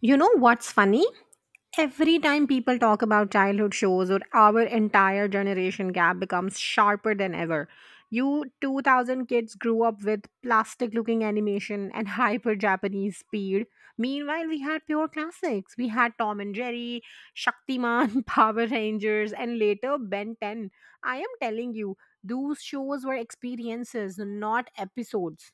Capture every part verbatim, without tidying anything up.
You know what's funny? Every time people talk about childhood shows or our entire generation gap becomes sharper than ever. You two thousand kids grew up with plastic looking animation and hyper Japanese speed. Meanwhile, we had pure classics. We had Tom and Jerry, Shaktiman, Power Rangers, and later Ben ten. I am telling you, those shows were experiences, not episodes.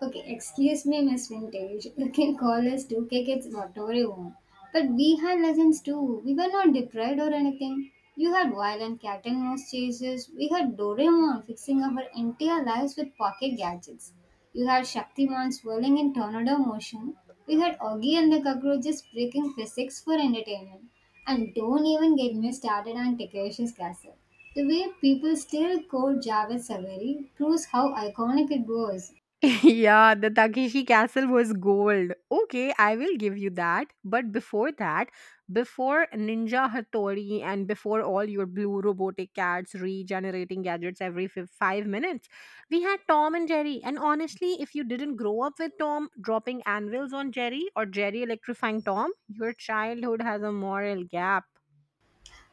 Okay, excuse me, Miss Vintage. You can call us two K kids whatever you want. But we had lessons too. We were not deprived or anything. You had violent cat and mouse chases. We had Doraemon fixing our entire lives with pocket gadgets. You had Shaktiman swirling in tornado motion. We had Augie and the cockroaches breaking physics for entertainment. And don't even get me started on Takeshi's Castle. The way people still quote Javed Saveri proves how iconic it was. Yeah, the Takeshi Castle was gold. Okay, I will give you that. But before that, before Ninja Hattori and before all your blue robotic cats regenerating gadgets every fi- five minutes, we had Tom and Jerry. And honestly, if you didn't grow up with Tom dropping anvils on Jerry or Jerry electrifying Tom, your childhood has a moral gap.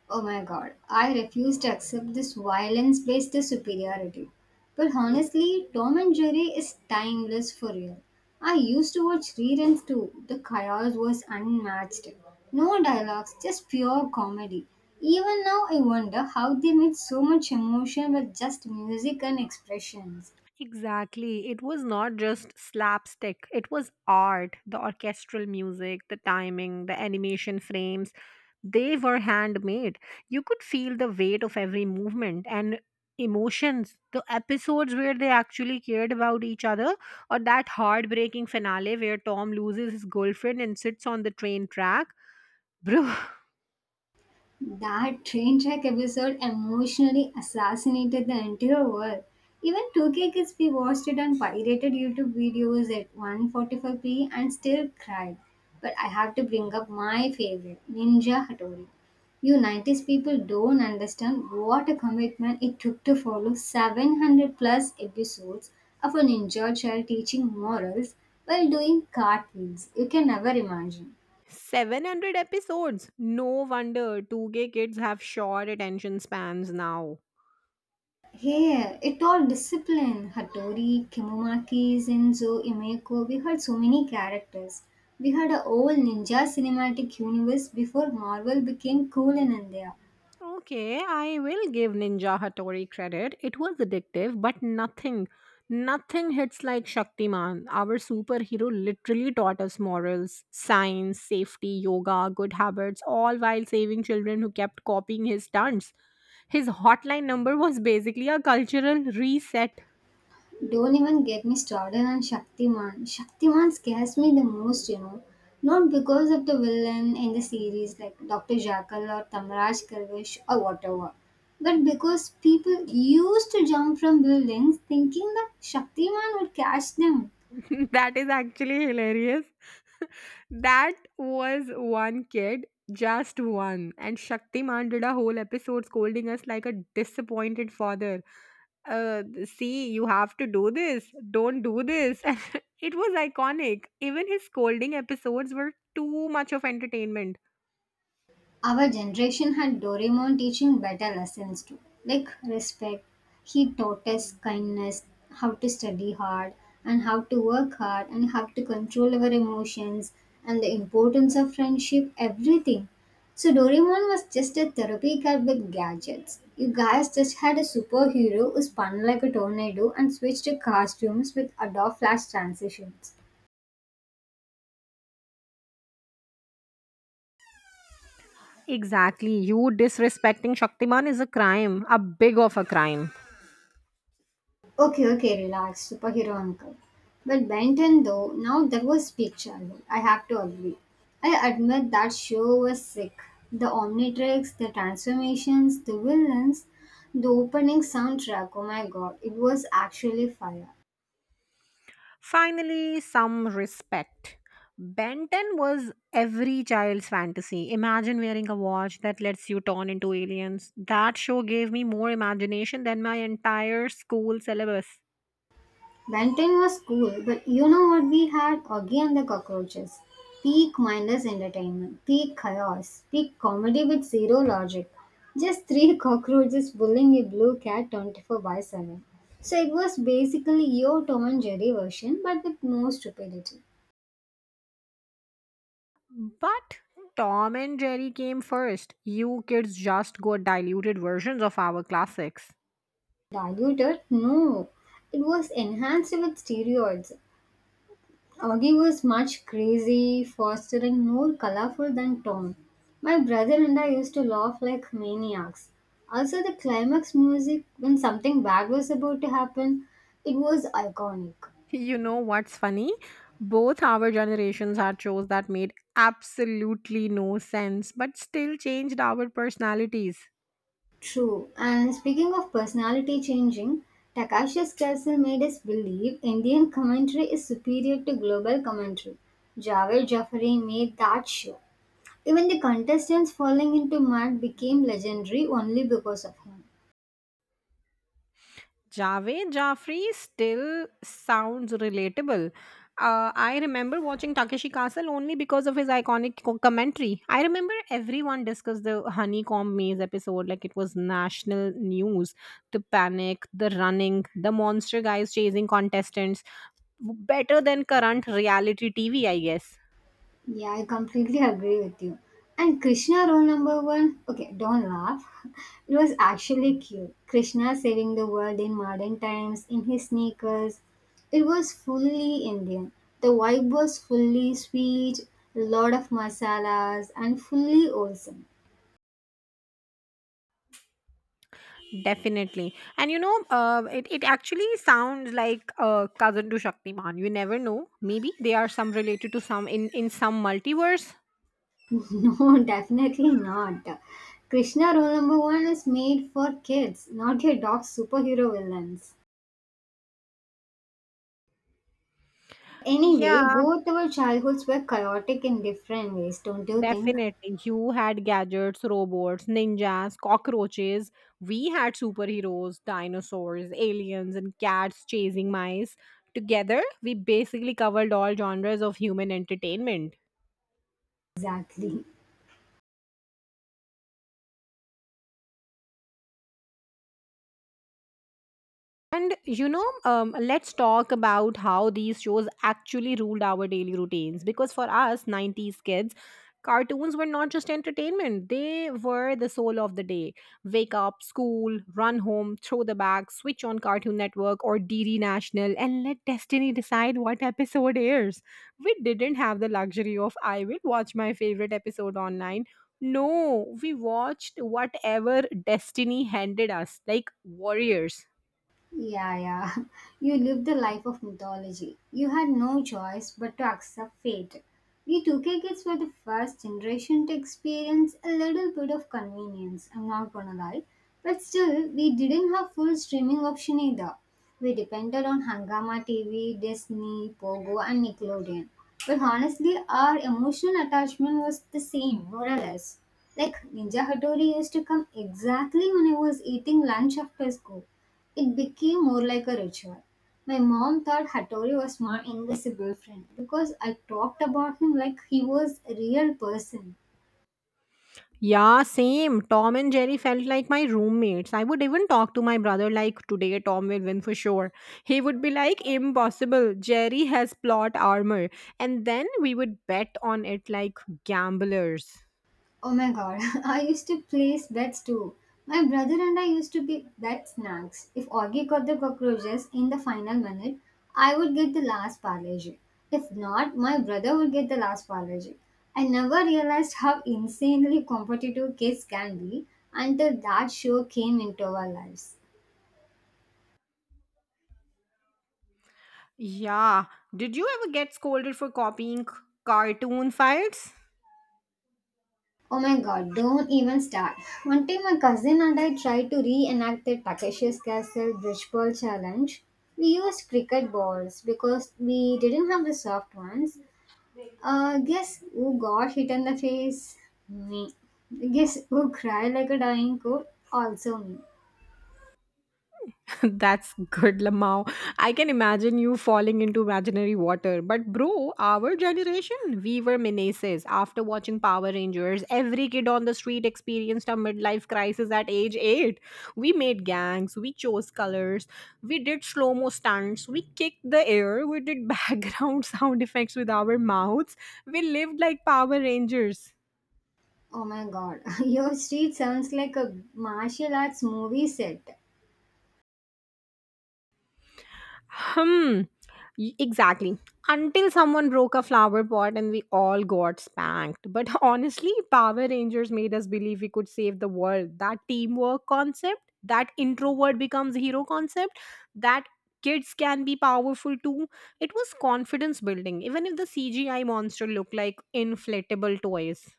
Oh my god, I refuse to accept this violence based superiority. But honestly, Tom and Jerry is timeless for real. I used to watch reruns too. The chaos was unmatched. No dialogues, just pure comedy. Even now, I wonder how they made so much emotion with just music and expressions. Exactly. It was not just slapstick, it was art. The orchestral music, the timing, the animation frames, they were handmade. You could feel the weight of every movement and emotions. The episodes where they actually cared about each other, or that heartbreaking finale where Tom loses his girlfriend and sits on the train track. Bro. That train track episode emotionally assassinated the entire world. Even two K kids we watched it on pirated YouTube videos at one forty-five p and still cried. But I have to bring up my favorite, Ninja Hattori. You nineties people don't understand what a commitment it took to follow seven hundred plus episodes of a ninja child teaching morals while doing cartwheels. You can never imagine. seven hundred episodes. No wonder two K kids have short attention spans now. Here, it all discipline. Hattori, Kemomaki, Zenzo, Imeko, we had so many characters. We had a whole ninja cinematic universe before Marvel became cool in India. Okay, I will give Ninja Hattori credit. It was addictive, but nothing, nothing hits like Shaktiman. Our superhero literally taught us morals, science, safety, yoga, good habits, all while saving children who kept copying his stunts. His hotline number was basically a cultural reset. Don't even get me started on Shaktiman. Shaktiman scares me the most, you know. Not because of the villain in the series like Doctor Jackal or Tamraj Kalvish or whatever, but because people used to jump from buildings thinking that Shaktiman would catch them. That is actually hilarious. That was one kid, just one. And Shaktiman did a whole episode scolding us like a disappointed father. Uh, see, you have to do this. Don't do this. And it was iconic. Even his scolding episodes were too much of entertainment. Our generation had Doraemon teaching better lessons too, like respect. He taught us kindness, how to study hard, and how to work hard, and how to control our emotions, and the importance of friendship, everything. So, Doraemon was just a therapy cat with gadgets. You guys just had a superhero who spun like a tornado and switched to costumes with Adobe Flash transitions. Exactly. You disrespecting Shaktiman is a crime, a big of a crime. Okay, okay, relax, superhero uncle. But Benton, though, now that was peak childhood. I have to agree. I admit that show was sick. The Omnitrix, the transformations, the villains, the opening soundtrack. Oh my god, it was actually fire. Finally, some respect. Benton was every child's fantasy. Imagine wearing a watch that lets you turn into aliens. That show gave me more imagination than my entire school syllabus. Benton was cool, but you know what we had? Augie and the cockroaches. Peak mindless entertainment, peak chaos, peak comedy with zero logic. Just three cockroaches bullying a blue cat twenty-four by seven. So it was basically your Tom and Jerry version, but with more stupidity. But Tom and Jerry came first. You kids just got diluted versions of our classics. Diluted? No. It was enhanced with steroids, Augie was much crazy, faster, and more colorful than Tom. My brother and I used to laugh like maniacs. Also, the climax music, when something bad was about to happen, it was iconic. You know what's funny? Both our generations had shows that made absolutely no sense but still changed our personalities. True. And speaking of personality changing, Takashi's castle made us believe Indian commentary is superior to global commentary. Javed Jafari made that sure. Even the contestants falling into mud became legendary only because of him. Javed Jafri still sounds relatable. Uh, I remember watching Takeshi Castle only because of his iconic co- commentary. I remember everyone discussed the honeycomb maze episode like it was national news. The panic, the running, the monster guys chasing contestants. Better than current reality T V, I guess. Yeah, I completely agree with you. And Krishna rule number one, okay, don't laugh. It was actually cute. Krishna saving the world in modern times in his sneakers. It was fully Indian. The vibe was fully sweet, a lot of masalas, and fully wholesome. Definitely. And you know, uh, it, it actually sounds like a cousin to Shaktiman. You never know. Maybe they are some related to some in, in some multiverse. No, definitely not. Krishna rule number one is made for kids, not your dog superhero villains. Anyway, Yeah, both our childhoods were chaotic in different ways, don't you think? definitely. You had gadgets, robots, ninjas, cockroaches. We had superheroes, dinosaurs, aliens, and cats chasing mice. Together, we basically covered all genres of human entertainment. Exactly. And you know, um, let's talk about how these shows actually ruled our daily routines. Because for us, nineties kids, cartoons were not just entertainment, they were the soul of the day. Wake up, school, run home, throw the bag, switch on Cartoon Network or D. D. National, and let destiny decide what episode airs. We didn't have the luxury of, I will watch my favorite episode online. No, we watched whatever destiny handed us, like warriors. Yeah, yeah. You lived the life of mythology. You had no choice but to accept fate. We two K kids were the first generation to experience a little bit of convenience, I'm not gonna lie. But still, we didn't have full streaming option either. We depended on Hangama T V, Disney, Pogo, and Nickelodeon. But honestly, our emotional attachment was the same, more or less. Like, Ninja Hattori used to come exactly when I was eating lunch after school, it became more like a ritual. My mom thought Hattori was my invisible friend because I talked about him like he was a real person. Yeah, same. Tom and Jerry felt like my roommates. I would even talk to my brother like today Tom will win for sure. He would be like impossible. Jerry has plot armor. And then we would bet on it like gamblers. Oh my god, I used to place bets too. My brother and I used to be bet snacks. If Augie got the cockroaches in the final minute, I would get the last parlay. If not, my brother would get the last parlay. I never realized how insanely competitive kids can be until that show came into our lives. Yeah. Did you ever get scolded for copying cartoon files? Oh my god, don't even start. One time my cousin and I tried to reenact the Takeshi's Castle Bridgeball Challenge. We used cricket balls because we didn't have the soft ones. Uh, guess who got hit in the face? Me. Guess who cried like a dying cow? Also me. That's good, Lamau. I can imagine you falling into imaginary water. But, bro, our generation, we were menaces. After watching Power Rangers, every kid on the street experienced a midlife crisis at age eight. We made gangs, we chose colors, we did slow mo stunts, we kicked the air, we did background sound effects with our mouths. We lived like Power Rangers. Oh my god, your street sounds like a martial arts movie set. Hmm. Y- Exactly. Until someone broke a flower pot and we all got spanked. But honestly, Power Rangers made us believe we could save the world. That teamwork concept, that introvert becomes hero concept, that kids can be powerful too. It was confidence building, even if the C G I monster looked like inflatable toys.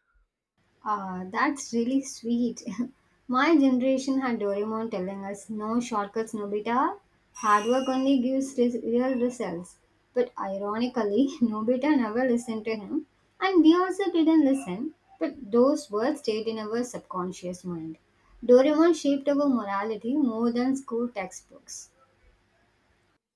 Ah, that's really sweet. My generation had Doraemon telling us no shortcuts, Nobita. Hard work only gives res- real results. But ironically, Nobita never listened to him, and we also didn't listen. But those words stayed in our subconscious mind. Doraemon shaped our morality more than school textbooks.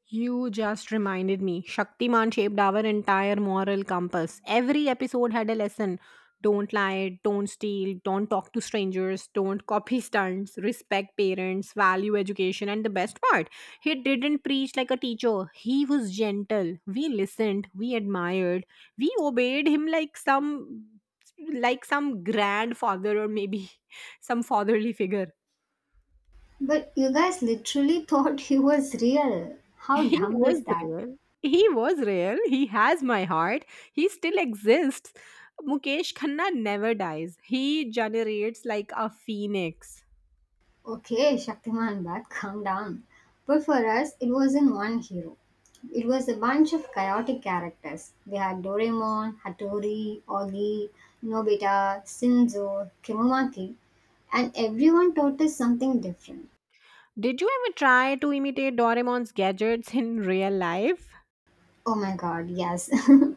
You just reminded me. Shaktiman shaped our entire moral compass. Every episode had a lesson. Don't lie, don't steal, don't talk to strangers, don't copy stunts, respect parents, value education, and the best part, he didn't preach like a teacher. He was gentle. We listened, we admired, we obeyed him like some like some grandfather or maybe some fatherly figure. But you guys literally thought he was real. How He dumb was is that? real. He was real. He has my heart. He still exists. Mukesh Khanna never dies. He generates like a phoenix. Okay, Shaktiman, but calm down. But for us, it wasn't one hero. It was a bunch of chaotic characters. We had Doraemon, Hattori, Augie, Nobita, Sinzo, Kimumaki, and everyone taught us something different. Did you ever try to imitate Doraemon's gadgets in real life? Oh my god, yes.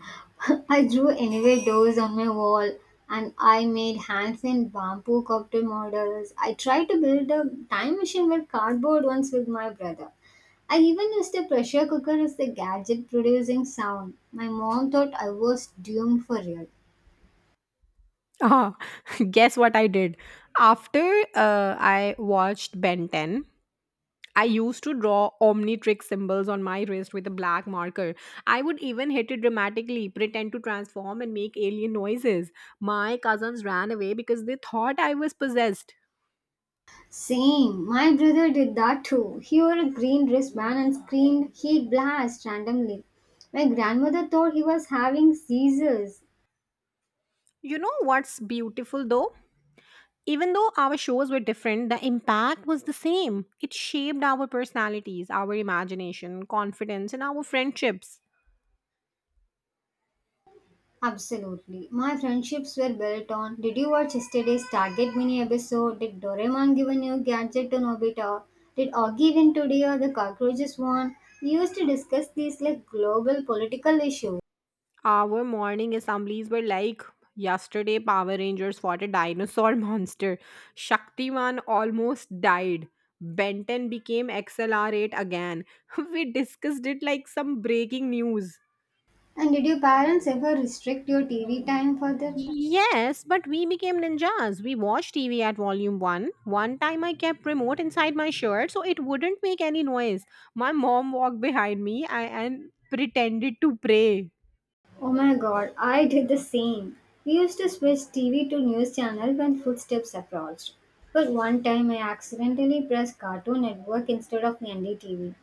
I drew anyway doors on my wall and I made hands in bamboo cocktail models. I tried to build a time machine with cardboard once with my brother. I even used a pressure cooker as the gadget producing sound. My mom thought I was doomed for real. Oh, guess what I did? After uh, I watched Ben ten, I used to draw Omnitrix symbols on my wrist with a black marker. I would even hit it dramatically, pretend to transform, and make alien noises. My cousins ran away because they thought I was possessed. Same, my brother did that too. He wore a green wristband and screamed heat blast randomly. My grandmother thought he was having seizures. You know what's beautiful though? Even though our shows were different, the impact was the same. It shaped our personalities, our imagination, confidence, and our friendships. Absolutely. My friendships were built on, did you watch yesterday's Target mini episode? Did Doraemon give a new gadget to Nobita? Did Augie win today or the cockroaches won? We used to discuss these like global political issues. Our morning assemblies were like yesterday Power Rangers fought a dinosaur monster. Shaktiman almost died. Benton became X L R eight again. We discussed it like some breaking news. And did your parents ever restrict your T V time for that? Yes, but we became ninjas. We watched T V at volume one. One time I kept remote inside my shirt so it wouldn't make any noise. My mom walked behind me I- and pretended to pray. Oh my god, I did the same. We used to switch T V to news channel when footsteps approached. But one time I accidentally pressed Cartoon Network instead of N D T V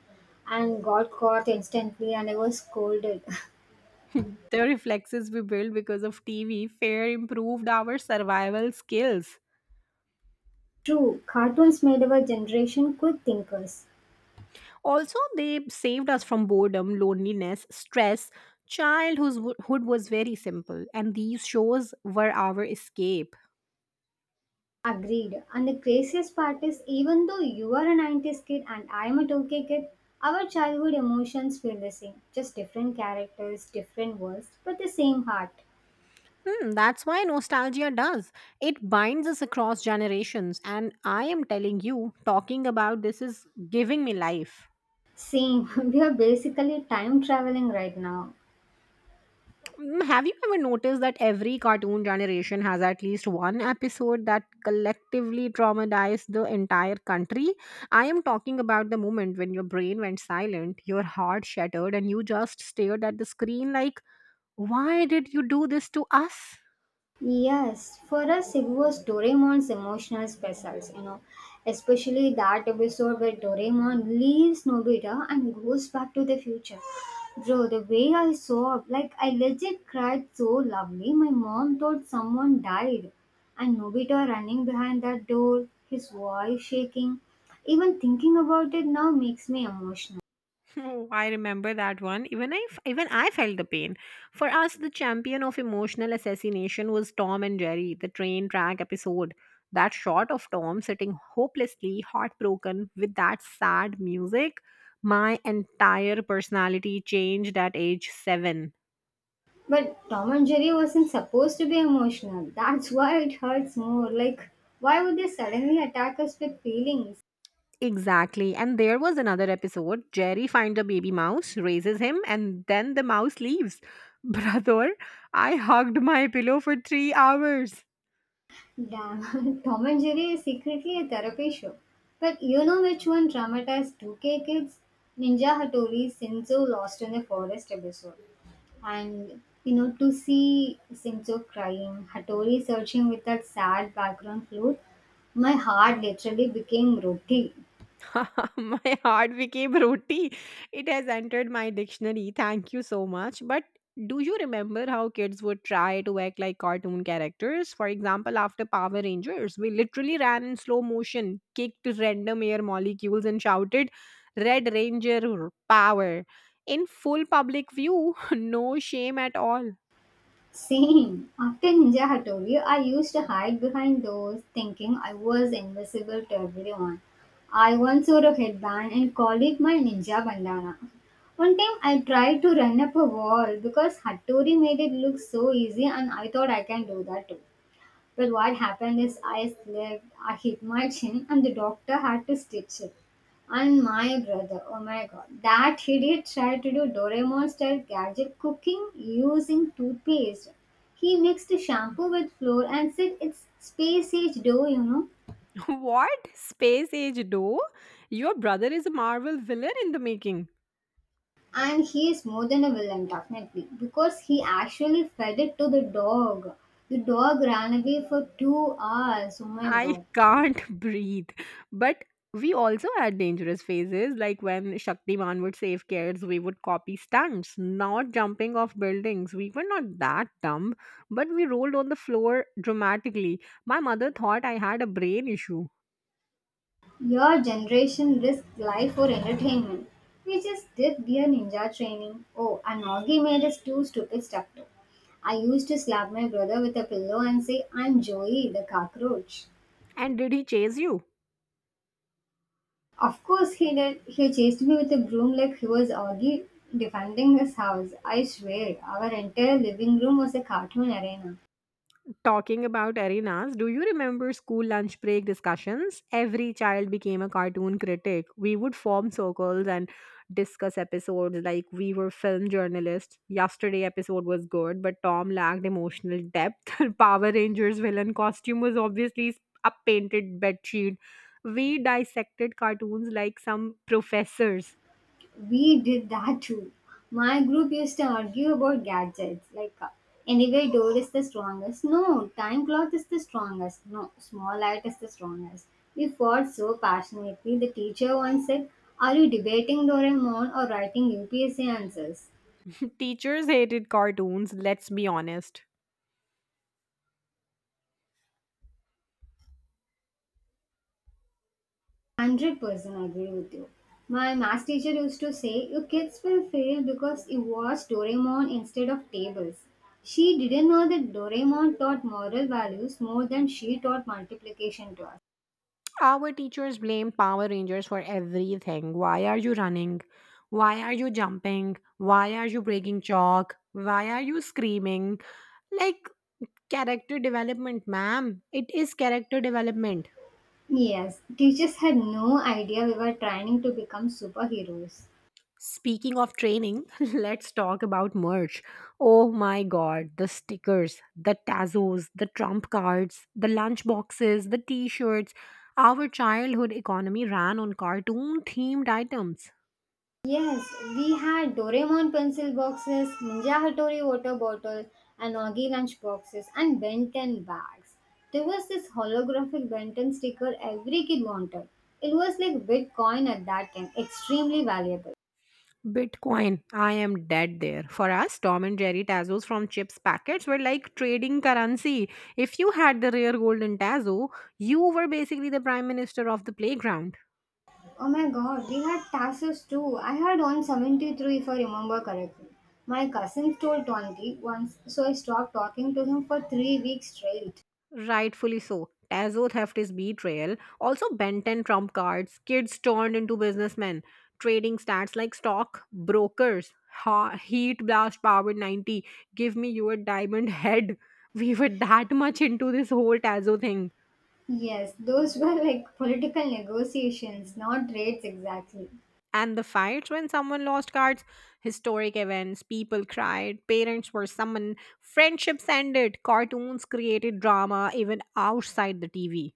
and got caught instantly and I was scolded. The reflexes we built because of T V fair improved our survival skills. True, cartoons made our generation quick thinkers. Also, they saved us from boredom, loneliness, stress. Childhood was very simple, and these shows were our escape. Agreed. And the craziest part is even though you are a nineties kid and I am a two K kid, our childhood emotions feel the same. Just different characters, different worlds, but the same heart. Hmm, that's why nostalgia does. It binds us across generations, and I am telling you, talking about this is giving me life. Same, we are basically time traveling right now. Mm, have you ever noticed that every cartoon generation has at least one episode that collectively traumatized the entire country? I am talking about the moment when your brain went silent, your heart shattered, and you just stared at the screen like, why did you do this to us? Yes, for us it was Doraemon's emotional specials, you know, especially that episode where Doraemon leaves Nobita and goes back to the future. Bro, the way I saw, like I legit cried so lovely. My mom thought someone died, and Nobita running behind that door, his voice shaking. Even thinking about it now makes me emotional. Oh, I remember that one. Even I, even I felt the pain. For us, the champion of emotional assassination was Tom and Jerry, the train track episode. That shot of Tom sitting hopelessly heartbroken with that sad music, my entire personality changed at age seven. But Tom and Jerry wasn't supposed to be emotional. That's why it hurts more. Like, why would they suddenly attack us with feelings? Exactly. And there was another episode. Jerry finds a baby mouse, raises him, and then the mouse leaves. Brother, I hugged my pillow for three hours. Damn, Tom and Jerry is secretly a therapy show. But you know which one traumatized two K kids? Ninja Hattori's Senzo lost in the forest episode. And you know, to see Senzo crying, Hattori searching with that sad background flute, my heart literally became roti. My heart became roti. It has entered my dictionary. Thank you so much. But do you remember how kids would try to act like cartoon characters? For example, after Power Rangers, we literally ran in slow motion, kicked random air molecules, and shouted, Red Ranger power. In full public view, no shame at all. Same. After Ninja Hattori, I used to hide behind doors thinking I was invisible to everyone. I once wore a headband and called it my ninja bandana. One time I tried to run up a wall because Hattori made it look so easy and I thought I can do that too. Well, what happened is I slipped, I hit my chin, and the doctor had to stitch it. And my brother, oh my god, that idiot tried to do Doraemon style gadget cooking using toothpaste. He mixed shampoo with flour and said it's space age dough, you know. What? Space age, though? Your brother is a Marvel villain in the making. And he is more than a villain, definitely, because he actually fed it to the dog. The dog ran away for two hours. Oh my I god. can't breathe. But we also had dangerous phases, like when Shaktiman would save kids, we would copy stunts, not jumping off buildings. We were not that dumb, but we rolled on the floor dramatically. My mother thought I had a brain issue. Your generation risks life for entertainment. We just did gear ninja training. Oh, and Augie made us two stupid stuff too. I used to slap my brother with a pillow and say, I'm Joey, the cockroach. And did he chase you? Of course he did. He chased me with a broom like he was Augie defending his house. I swear, our entire living room was a cartoon arena. Talking about arenas, do you remember school lunch break discussions? Every child became a cartoon critic. We would form circles and discuss episodes like we were film journalists. Yesterday episode was good, but Tom lacked emotional depth. Power Rangers villain costume was obviously a painted bedsheet. We dissected cartoons like some professors. We did that too. My group used to argue about gadgets, like uh, anyway, door is the strongest. No, time clock is the strongest. No, small light is the strongest. We fought so passionately. The teacher once said, "Are you debating Doraemon or writing U P S C answers?" Teachers hated cartoons, let's be honest. one hundred percent agree with you. My math teacher used to say, you kids will fail because you watch Doraemon instead of tables. She didn't know that Doraemon taught moral values more than she taught multiplication to us. Our teachers blame Power Rangers for everything. Why are you running? Why are you jumping? Why are you breaking chalk? Why are you screaming? Like character development, ma'am. It is character development. Yes, teachers had no idea we were training to become superheroes. Speaking of training, let's talk about merch. Oh my god, the stickers, the tazos, the trump cards, the lunch boxes, the t shirts. Our childhood economy ran on cartoon themed items. Yes, we had Doraemon pencil boxes, Ninja Hattori water bottle, and Oggy lunch boxes, and Ben ten bags. There was this holographic Ben ten sticker every kid wanted. It was like Bitcoin at that time, extremely valuable. Bitcoin. I am dead there. For us, Tom and Jerry Tazos from Chips Packets were like trading currency. If you had the rare golden Tazo, you were basically the prime minister of the playground. Oh my god, we had taxes too. I had one hundred seventy-three if I remember correctly. My cousin stole twenty once, so I stopped talking to him for three weeks straight. Rightfully so. Tazo theft is betrayal. Also, Ben ten trump cards, kids turned into businessmen, trading stats like stock, brokers, ha- heat blast powered ninety, give me your diamond head. We were that much into this whole Tazo thing. Yes, those were like political negotiations, not rates exactly. And the fights when someone lost cards, historic events, people cried, parents were summoned, friendships ended, cartoons created drama even outside the T V.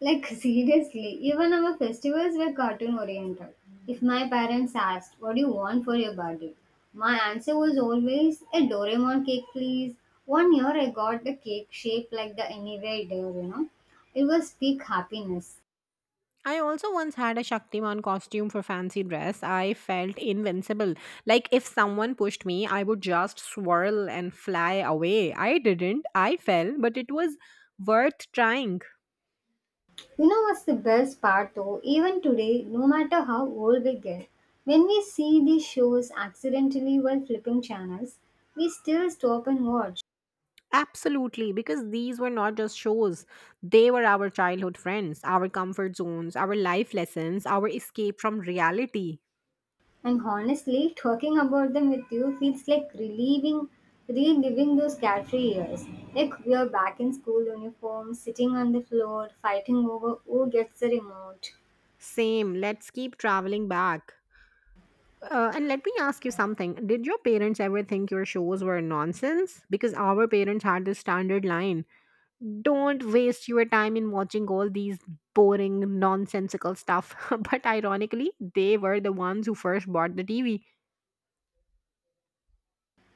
Like seriously, even our festivals were cartoon oriented. If my parents asked, "What do you want for your birthday?" my answer was always a Doraemon cake, please. One year I got the cake shaped like the anywhere there, you know. It was peak happiness. I also once had a Shaktiman costume for fancy dress. I felt invincible. Like if someone pushed me, I would just swirl and fly away. I didn't. I fell, but it was worth trying. You know what's the best part though? Even today, no matter how old we get, when we see these shows accidentally while flipping channels, we still stop and watch. Absolutely, because these were not just shows. They were our childhood friends, our comfort zones, our life lessons, our escape from reality. And honestly, talking about them with you feels like relieving, reliving those carefree years. Like we are back in school uniform, sitting on the floor, fighting over who gets the remote. Same, let's keep traveling back. Uh, and let me ask you something. Did your parents ever think your shows were nonsense? Because our parents had this standard line don't waste your time in watching all these boring nonsensical stuff but ironically they were the ones who first bought the TV.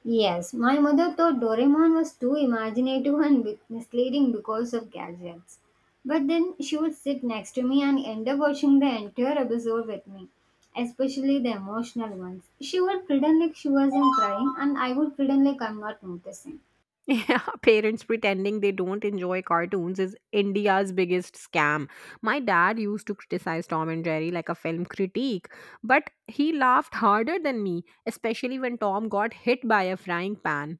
Yes, my mother thought Doraemon was too imaginative and bit- misleading because of gadgets. But then she would sit next to me and end up watching the entire episode with me, especially the emotional ones. She would pretend like she wasn't crying, and I would pretend like I'm not noticing. Yeah, parents pretending they don't enjoy cartoons is India's biggest scam. My dad used to criticize Tom and Jerry like a film critique, but he laughed harder than me, especially when Tom got hit by a frying pan.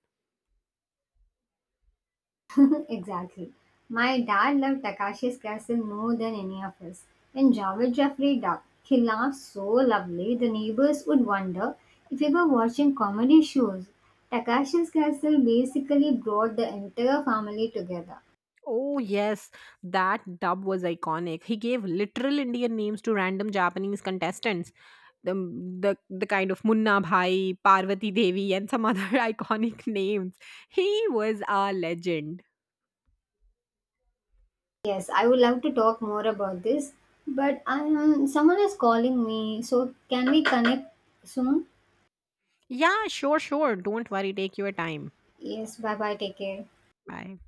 Exactly. My dad loved Takashi's Castle more than any of us. And Javed Jafri dubbed Khilaf so lovely the neighbors would wonder if we were watching comedy shows. Takashi's Castle basically brought the entire family together. Oh, yes, that dub was iconic. He gave literal Indian names to random Japanese contestants. The, the, the kind of Munna Bhai, Parvati Devi, and some other iconic names. He was a legend. Yes, I would love to talk more about this, but um, someone is calling me, so can we connect soon? Yeah, sure, sure. Don't worry. Take your time. Yes, bye bye, take care. Bye.